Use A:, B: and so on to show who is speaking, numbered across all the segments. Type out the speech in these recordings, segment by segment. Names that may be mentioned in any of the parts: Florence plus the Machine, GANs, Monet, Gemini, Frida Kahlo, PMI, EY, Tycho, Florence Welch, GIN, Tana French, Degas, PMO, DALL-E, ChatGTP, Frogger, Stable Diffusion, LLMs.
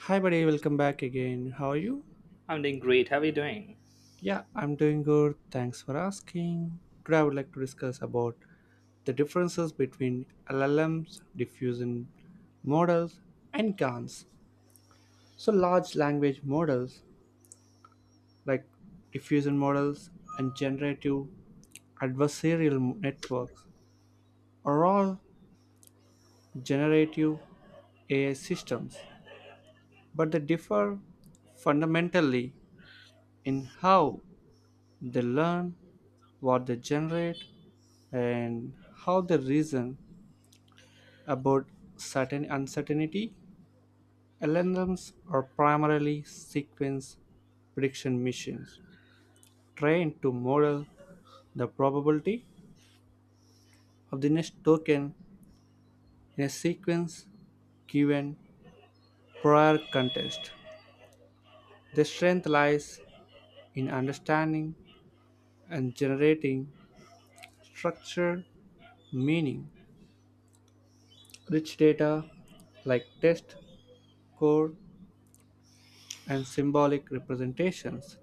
A: Hi, buddy. Welcome back again. How are you?
B: I'm doing great. How are you doing?
A: Yeah, I'm doing good. Thanks for asking. Today, I would like to discuss about the differences between LLMs, diffusion models, and GANs. So, large language models like diffusion models and generative adversarial networks are all generative AI systems, but they differ fundamentally in how they learn, what they generate, and how they reason about certain uncertainty. LLMs are primarily sequence prediction machines trained to model the probability of the next token in a sequence given prior context. Their strength lies in understanding and generating structured meaning, rich data like text, code, and symbolic representations.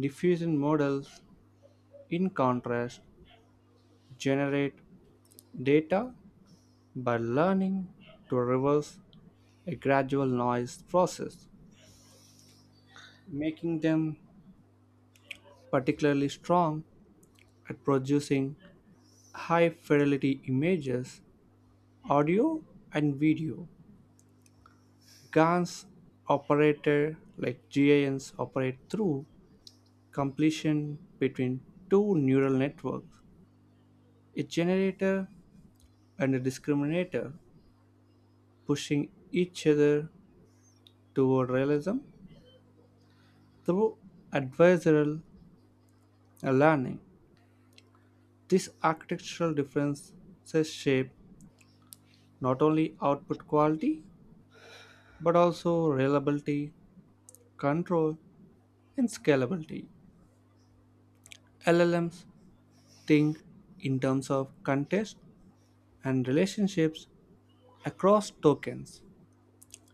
A: Diffusion models, in contrast, generate data by learning to reverse a gradual noise process, making them particularly strong at producing high fidelity images, audio, and video. GANs operator like GANs operate through completion between two neural networks, a generator and a discriminator, pushing each other toward realism through adversarial learning. These architectural differences shape not only output quality but also reliability, control, and scalability. LLMs think in terms of context and relationships across tokens,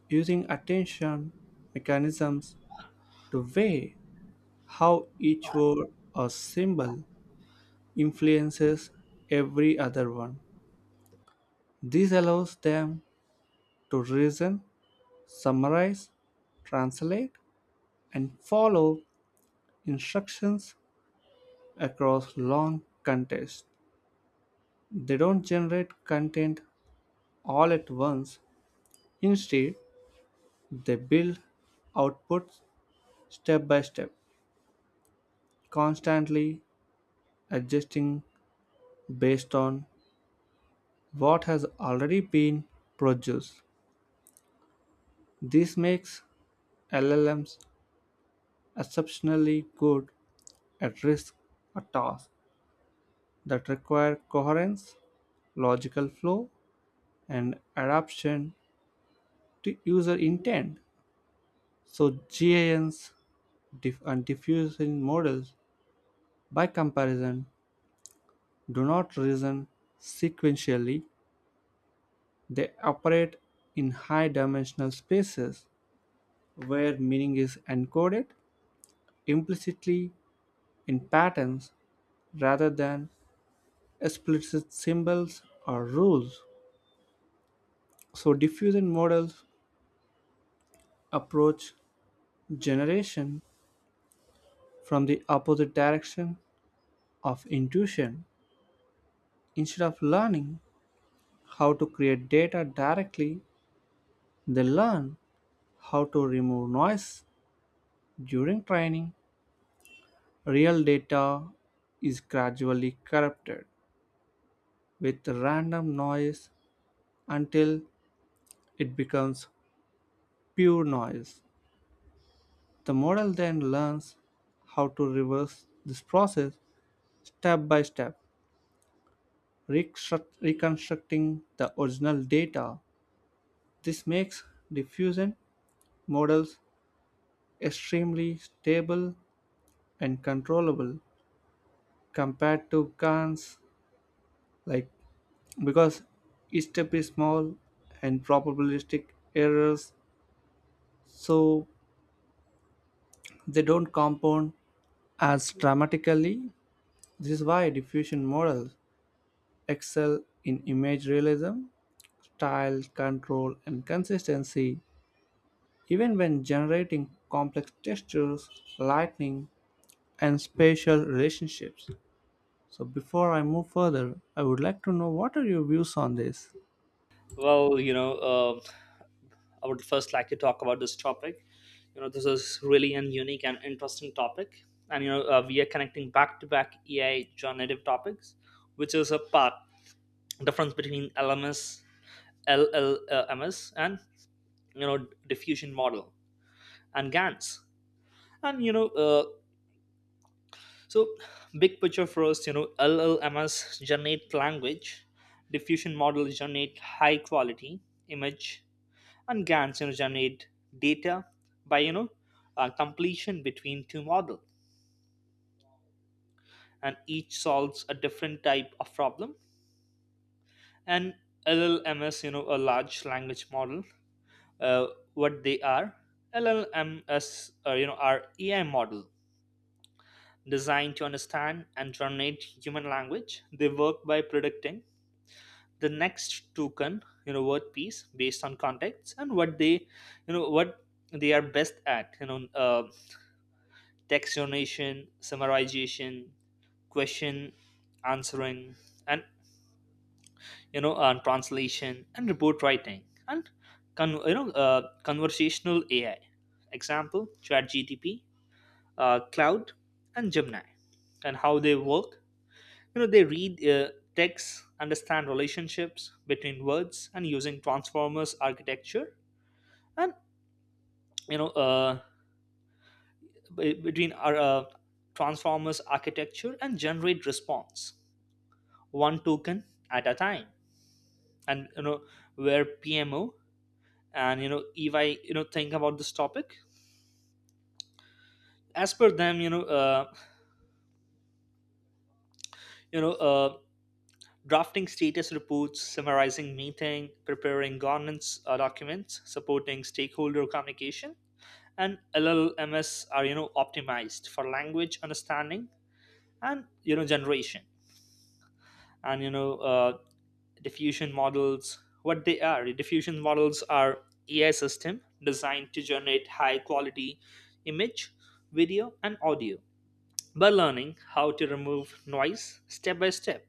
A: using attention mechanisms to weigh how each word or symbol influences every other one. This allows them to reason, summarize, translate, and follow instructions across long contests. They don't generate content all at once. Instead, they build outputs step by step, constantly adjusting based on what has already been produced. This makes LLMs exceptionally good at risk a task that require coherence, logical flow, and adaptation to user intent. So GANs and diffusion models, by comparison, do not reason sequentially. They operate in high-dimensional spaces where meaning is encoded implicitly in patterns rather than explicit symbols or rules. So diffusion models approach generation from the opposite direction of intuition. Instead of learning how to create data directly, they learn how to remove noise during training. Real data is gradually corrupted with random noise until it becomes pure noise. The model then learns how to reverse this process step by step, reconstructing the original data. This makes diffusion models extremely stable and controllable compared to guns like because each step is small and probabilistic errors, so they don't compound as dramatically. This is why diffusion models excel in image realism, style control, and consistency, even when generating complex textures, lighting, and spatial relationships. So before I move further, I would like to know what are your views on this?
B: Well, I would first like to talk about this topic. This is really an unique and interesting topic, and we are connecting back-to-back AI generative topics, which is a part difference between LMS, LLMS, and diffusion model and GANs. And you know, uh, so big picture first, LLMS generate language, diffusion model generate high quality image, and GANs, generate data by completion between two models, and each solves a different type of problem. And LLMs, a large language model, uh, what they are, LLMs, are AI model designed to understand and generate human language. They work by predicting the next token, word piece based on context and what they are best at. Taxonomy, summarization, question answering, and translation and report writing, and conversational AI. Example: ChatGTP, Cloud, and Gemini, and how they work. They read text, understand relationships between words, and using transformers architecture, and you know, uh, be- between our transformers architecture and generate response one token at a time, and where pmo and ey think about this topic as per them, you know uh, drafting status reports, summarizing meeting, preparing governance documents, supporting stakeholder communication, and llms are optimized for language understanding and generation. And diffusion models, what they are. Diffusion models are AI system designed to generate high quality image, video, and audio by learning how to remove noise step by step.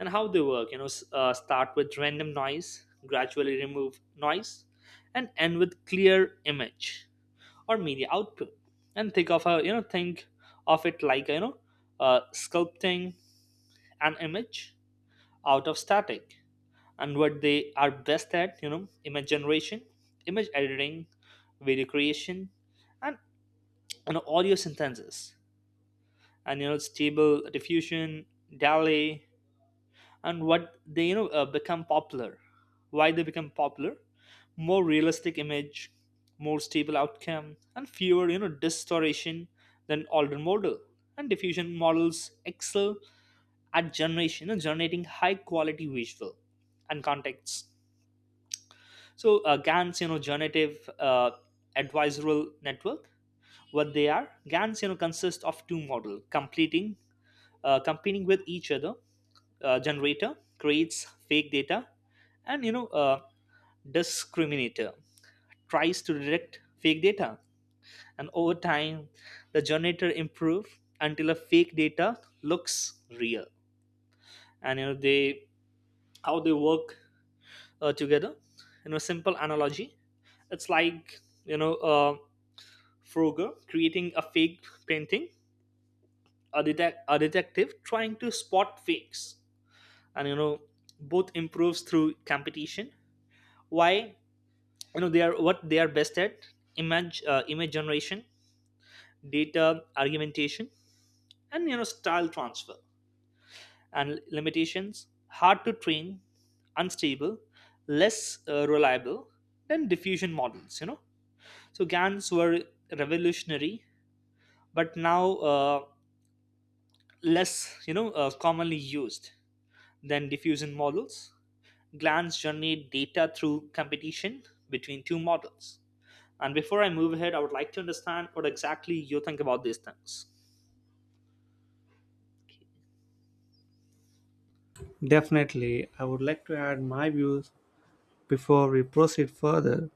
B: And how they work, start with random noise, gradually remove noise, and end with clear image or media output. And think of it like, sculpting an image out of static. And what they are best at, image generation, image editing, video creation, and audio synthesis. And stable diffusion, dali, and what they, become popular. Why they become popular: more realistic image, more stable outcome, and fewer distortion than older model. And diffusion models excel at generation and generating high quality visual and context. So GANs, generative advisorial network. What they are? GANs, consist of two model competing with each other. Generator creates fake data, and discriminator tries to detect fake data, and over time, the generator improve until a fake data looks real. And they how they work together. Simple analogy. It's like. Frogger creating a fake painting, a detective trying to spot fakes, and both improves through competition. Why they are what they are best at: image generation, data argumentation, and style transfer. And limitations: hard to train, unstable, less reliable than diffusion models. So GANs were revolutionary, but now, less commonly used than diffusion models, glands generate data through competition between two models. And before I move ahead, I would like to understand what exactly you think about these things.
A: Definitely, I would like to add my views before we proceed further.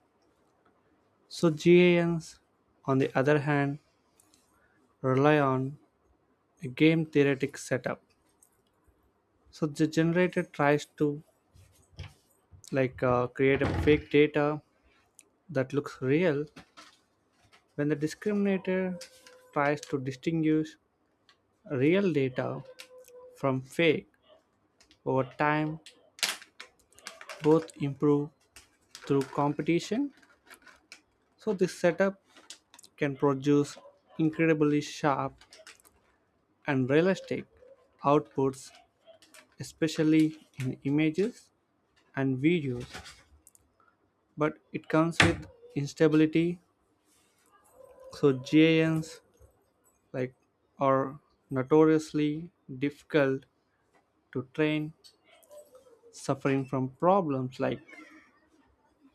A: So GANs, on the other hand, rely on a game theoretic setup. So the generator tries to create a fake data that looks real when the discriminator tries to distinguish real data from fake. Over time, both improve through competition. So this setup can produce incredibly sharp and realistic outputs, especially in images and videos. But it comes with instability, so GANs like are notoriously difficult to train, suffering from problems like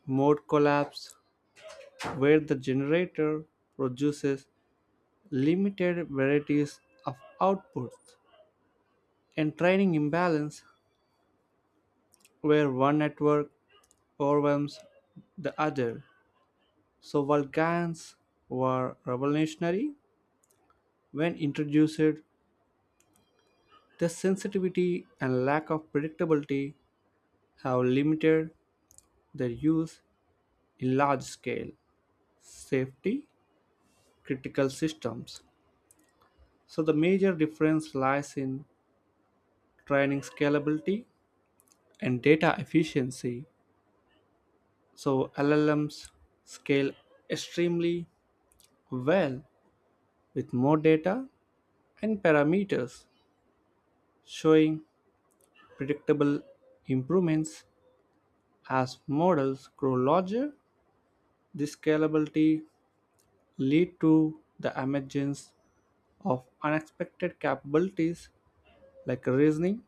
A: mode collapse, where the generator produces limited varieties of outputs and training imbalance where one network overwhelms the other. So Vulcans were revolutionary when introduced. Their sensitivity and lack of predictability have limited their use in large-scale safety critical systems. So the major difference lies in training scalability and data efficiency. So LLMs scale extremely well with more data and parameters, showing predictable improvements as models grow larger. This scalability lead to the emergence of unexpected capabilities like reasoning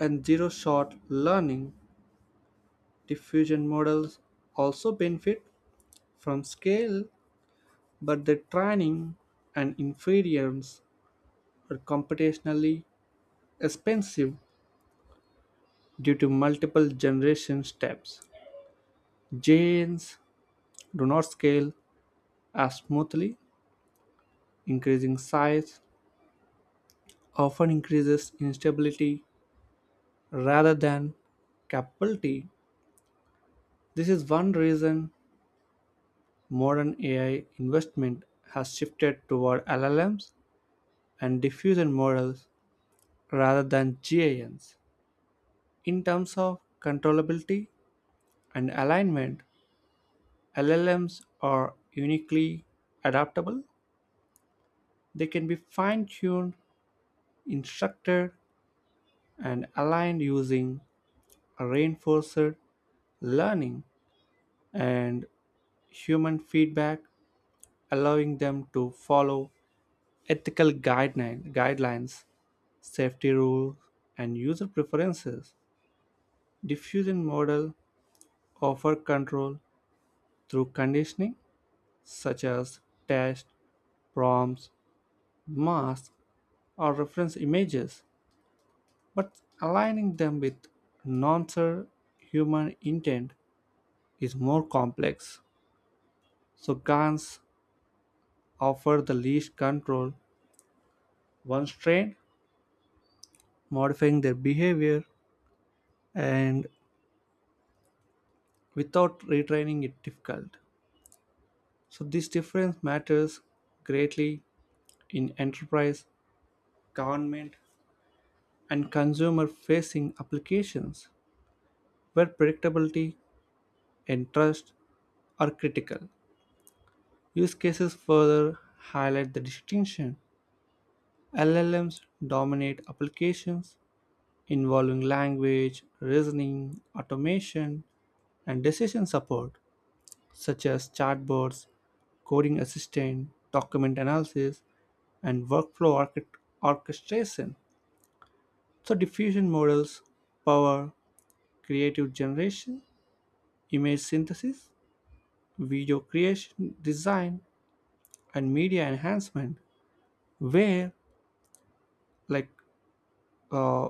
A: and zero-shot learning. Diffusion models also benefit from scale, but their training and inference are computationally expensive due to multiple generation steps. Jains do not scale as smoothly; increasing size often increases instability rather than capability. This is one reason modern AI investment has shifted toward LLMs and diffusion models rather than GANs. In terms of controllability and alignment, LLMs are uniquely adaptable. They can be fine tuned, instructed, and aligned using reinforced learning and human feedback, allowing them to follow ethical guidelines, safety rules, and user preferences. Diffusion model offer control through conditioning such as test, prompts, masks, or reference images, but aligning them with non human intent is more complex. So, Gans offer the least control. Once trained, modifying their behavior and without retraining it difficult. So this difference matters greatly in enterprise, government, and consumer facing applications where predictability and trust are critical. Use cases further highlight the distinction. LLMs dominate applications involving language reasoning automation and decision support, such as chatbots, coding assistant, document analysis, and workflow orchestration. So, diffusion models power creative generation, image synthesis, video creation, design, and media enhancement, where like uh,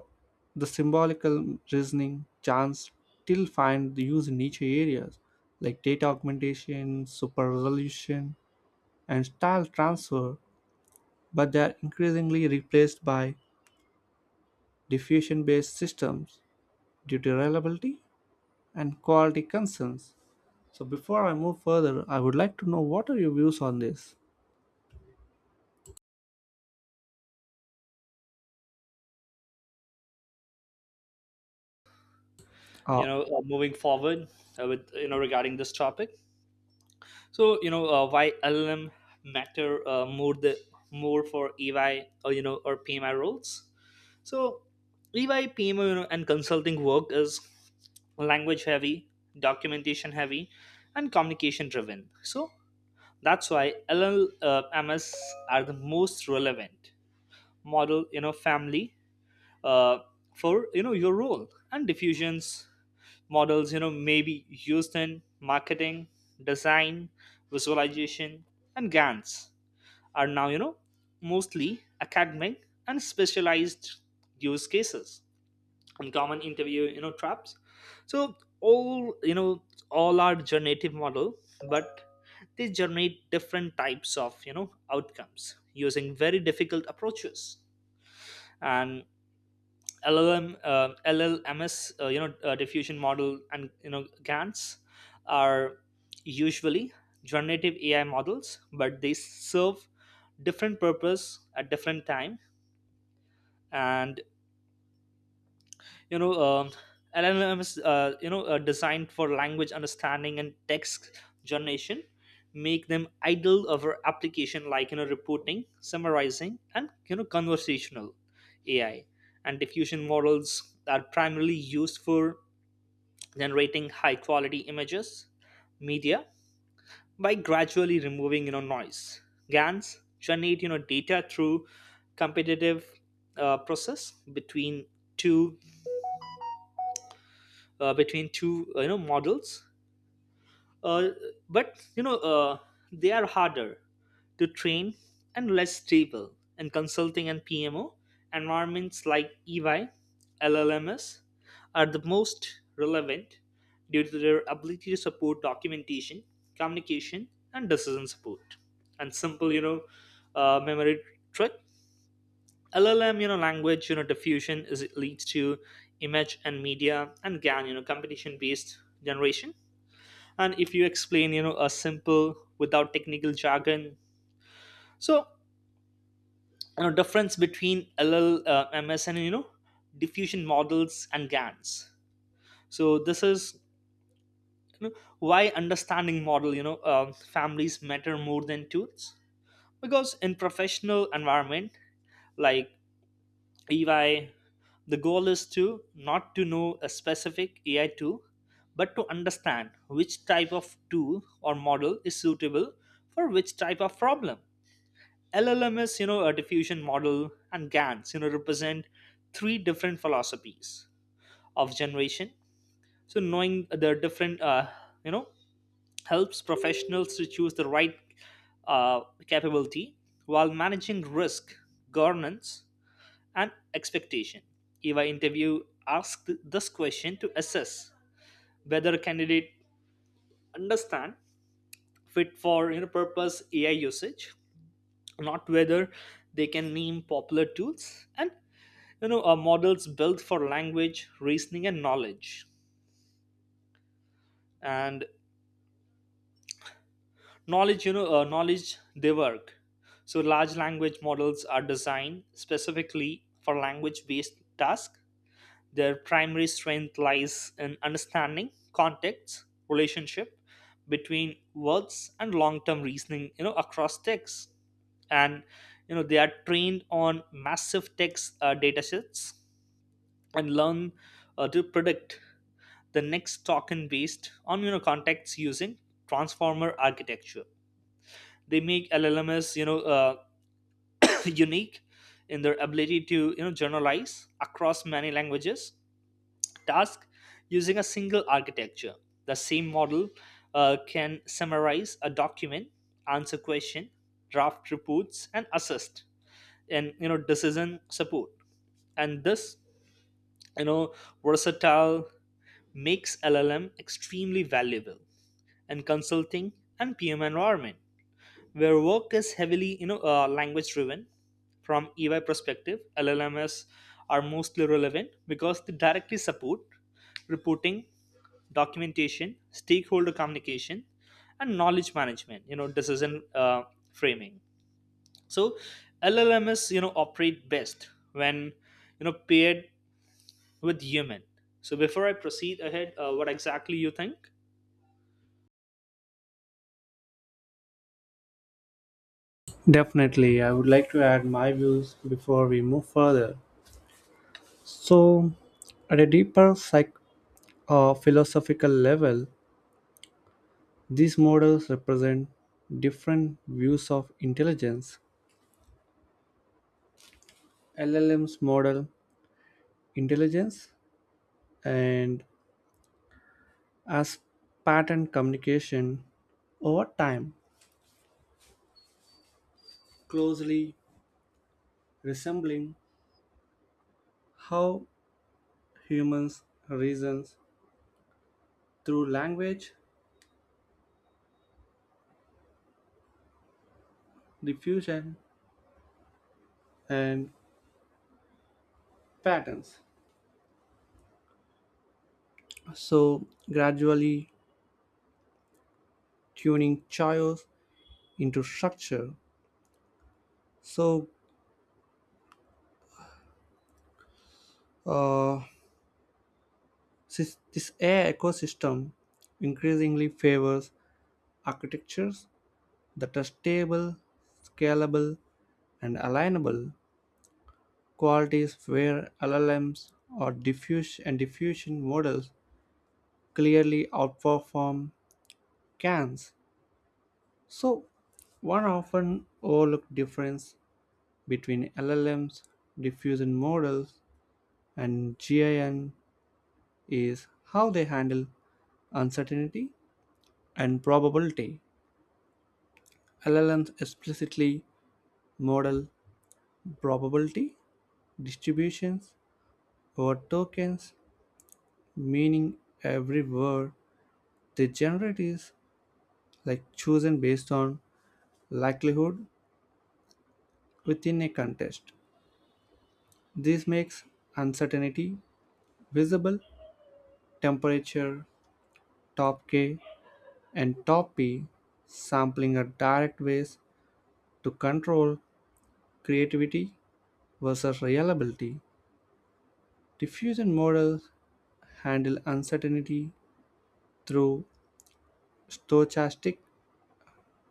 A: the symbolical reasoning chance still find the use in niche areas like data augmentation, super resolution, and style transfer, but they are increasingly replaced by diffusion based systems due to reliability and quality concerns. So, before I move further, I would like to know what are your views on this?
B: you
A: Oh,
B: know uh, moving forward with, regarding this topic. So why LLM matter more for ey, or you know or pmi roles. So EY PMO, and consulting work is language heavy, documentation heavy, and communication driven. So that's why LLMs are the most relevant model, family, uh, for your role, and diffusions models, maybe used in marketing, design, visualization, and GANs are now mostly academic and specialized use cases, and common interview traps. So all you know all are generative model, but they generate different types of outcomes using very difficult approaches. And LLMS, diffusion model, and GANs are usually generative AI models, but they serve different purpose at different time. And you know um, llm is designed for language understanding and text generation, make them ideal for application like reporting, summarizing, and conversational ai. And diffusion models are primarily used for generating high quality images, media, by gradually removing noise. Gans generate data through competitive process, between two between two models. Uh, but they are harder to train and less stable. In consulting and pmo environments like ey, llms are the most relevant due to their ability to support documentation, communication, and decision support. And simple memory trick: LLM, language; diffusion is it leads to image and media; and GAN, competition based generation. And if you explain, a simple without technical jargon, so, difference between LLMs and, diffusion models and GANs. So this is why understanding model, families matter more than tools, because in professional environment like EY, the goal is to not to know a specific AI tool, but to understand which type of tool or model is suitable for which type of problem. LLM is, a diffusion model, and GANs, represent three different philosophies of generation. So knowing the different, you know, helps professionals to choose the right capability while managing risk, governance, and expectation. Eva interview asked this question to assess whether a candidate understand fit for, purpose AI usage, not whether they can name popular tools and models built for language, reasoning, and knowledge. And knowledge, knowledge they work. So large language models are designed specifically for language-based tasks. Their primary strength lies in understanding context, relationship between words and long-term reasoning, across texts. And they are trained on massive text data sets and learn to predict the next token based on context using transformer architecture. They make LLMs unique in their ability to generalize across many languages task using a single architecture. The same model can summarize a document, answer question, draft reports, and assist in decision support. And this you know versatile makes LLM extremely valuable in consulting and PM environment where work is heavily language driven. From EY perspective, LLMs are mostly relevant because they directly support reporting, documentation, stakeholder communication, and knowledge management, decision framing. So llms operate best when paired with human. So before I proceed ahead, what exactly you think?
A: definitely. I would like to add my views before we move further. So, at a deeper philosophical level, these models represent different views of intelligence. LLM's model intelligence and as pattern communication over time, closely resembling how humans reason through language, diffusion, and patterns. So, gradually tuning chaos into structure. So, uh, this air ecosystem increasingly favors architectures that are stable, scalable, and alignable qualities where LLMs or diffuse and diffusion models clearly outperform CANs. So, one often overlooked difference between LLMs, diffusion models, and GIN is how they handle uncertainty and probability. LLMs explicitly model probability distributions over tokens, meaning every word they generate is chosen based on likelihood within a contest. This makes uncertainty visible. Temperature, top K, and top P sampling are direct ways to control creativity versus reliability. Diffusion models handle uncertainty through stochastic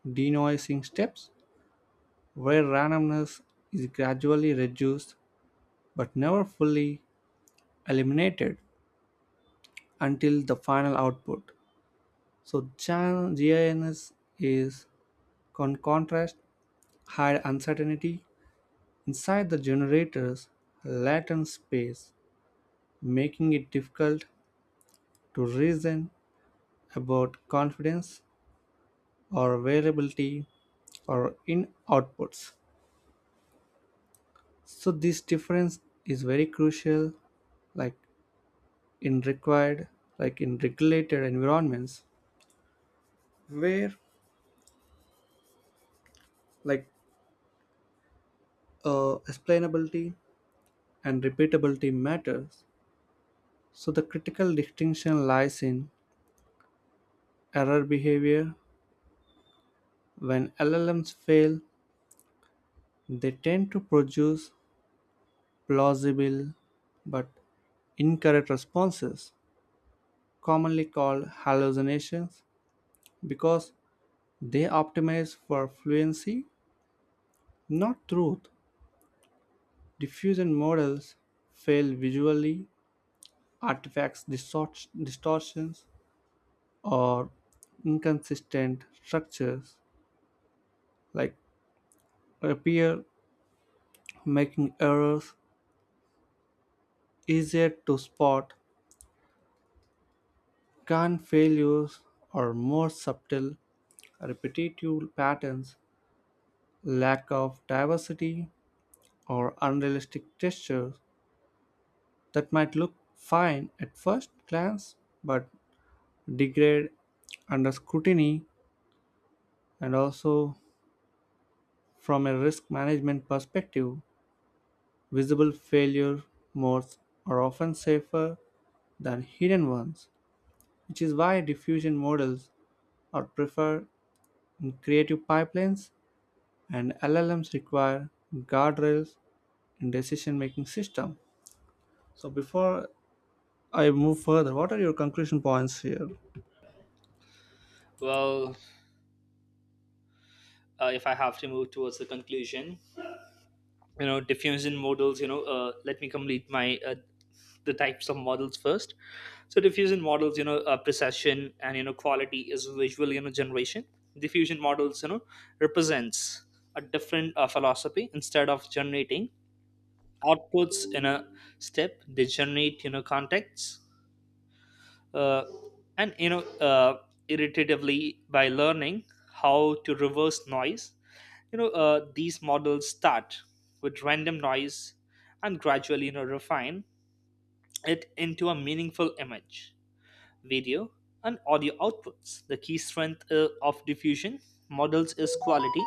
A: denoising steps where randomness is gradually reduced but never fully eliminated until the final output. So GINS is contrast, high uncertainty inside the generator's latent space, making it difficult to reason about confidence or variability or in outputs. So this difference is very crucial, like, in required in regulated environments where like explainability and repeatability matters. So the critical distinction lies in error behavior. When LLMs fail, they tend to produce plausible but incorrect responses, commonly called hallucinations, because they optimize for fluency, not truth. Diffusion models fail visually, artifacts, distortions, or inconsistent structures like appear, making errors easier to spot. Can failures are more subtle, repetitive patterns, lack of diversity, or unrealistic textures that might look fine at first glance but degrade under scrutiny. And also from a risk management perspective, visible failure modes are often safer than hidden ones, which is why diffusion models or prefer creative pipelines and LLMs require guardrails in decision making system. So before I move further, what are your conclusion points here?
B: Well, if I have to move towards the conclusion, diffusion models, let me complete my the types of models first. So diffusion models, precession and quality is visual generation. Diffusion models, represents a different philosophy. Instead of generating outputs in a step, they generate contexts, uh, and irritatively by learning how to reverse noise. These models start with random noise and gradually refine it into a meaningful image, video, and audio outputs. The key strength of diffusion models is quality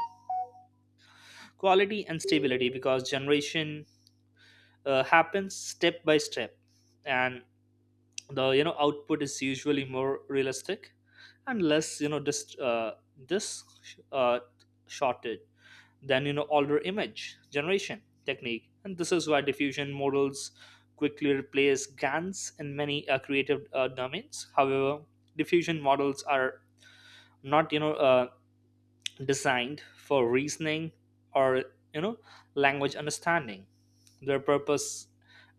B: quality and stability, because generation happens step by step, and the output is usually more realistic, unless this uh, shortage than older image generation technique. And this is why diffusion models quickly replace gans in many creative domains. However, diffusion models are not designed for reasoning or you know language understanding. Their purpose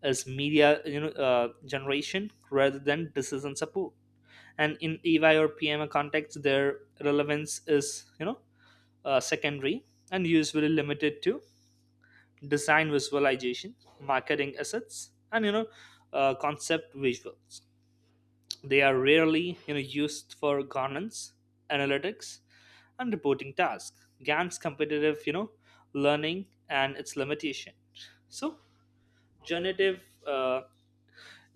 B: is media, generation rather than decision support, and in EY or PMA context, their relevance is secondary and usually limited to design visualization, marketing assets, and concept visuals. They are rarely used for governance, analytics, and reporting tasks. GAN's competitive, learning and its limitation. So generative, uh,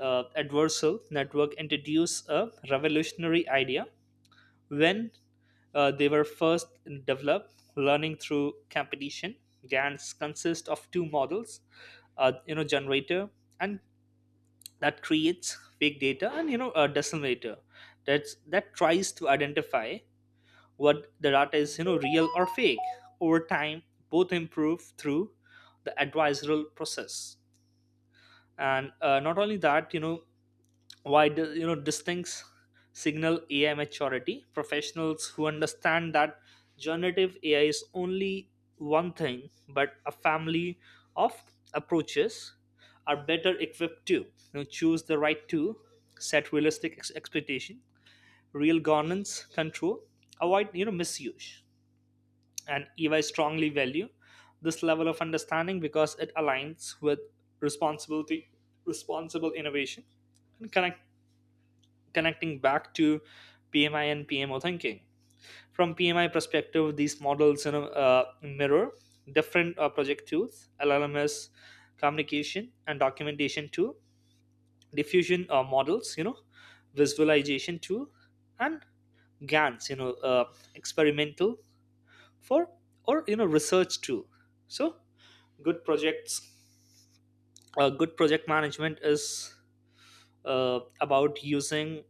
B: uh, adversal network introduced a revolutionary idea. When they were first developed, learning through competition, GANs consist of two models, generator and that creates fake data, and a decimator that tries to identify what the data is, real or fake. Over time, both improve through the advisory process, and not only that, why do, distincts signal ai maturity. Professionals who understand that generative ai is only one thing but a family of approaches are better equipped to, choose the right tool, set realistic expectation, real governance control, avoid misuse. And ey strongly value this level of understanding because it aligns with responsibility, responsible innovation, and connecting back to PMI and PMO thinking. From PMI perspective, these models, mirror different project tools: LLMS, communication and documentation tool; diffusion models, visualization tool; and GANs, experimental for or research tool. So good projects, good project management is about using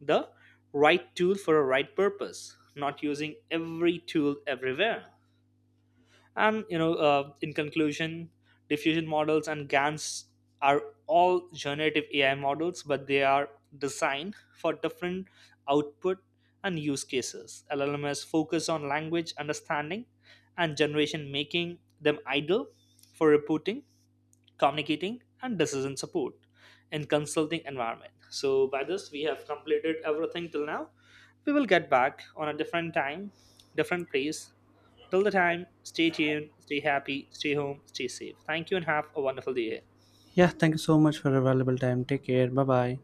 B: the right tool for a right purpose, not using every tool everywhere. And in conclusion, diffusion models and gans are all generative ai models, but they are designed for different output and use cases. llms focus on language understanding and generation, making them ideal for reporting, communicating, and decision support in consulting environment. So by this we have completed everything till now. We will get back on a different time, different place. Till the time, stay tuned, stay happy, stay home, stay safe. Thank you and have a wonderful day.
A: Yeah, thank you so much for your valuable time. Take care. Bye bye.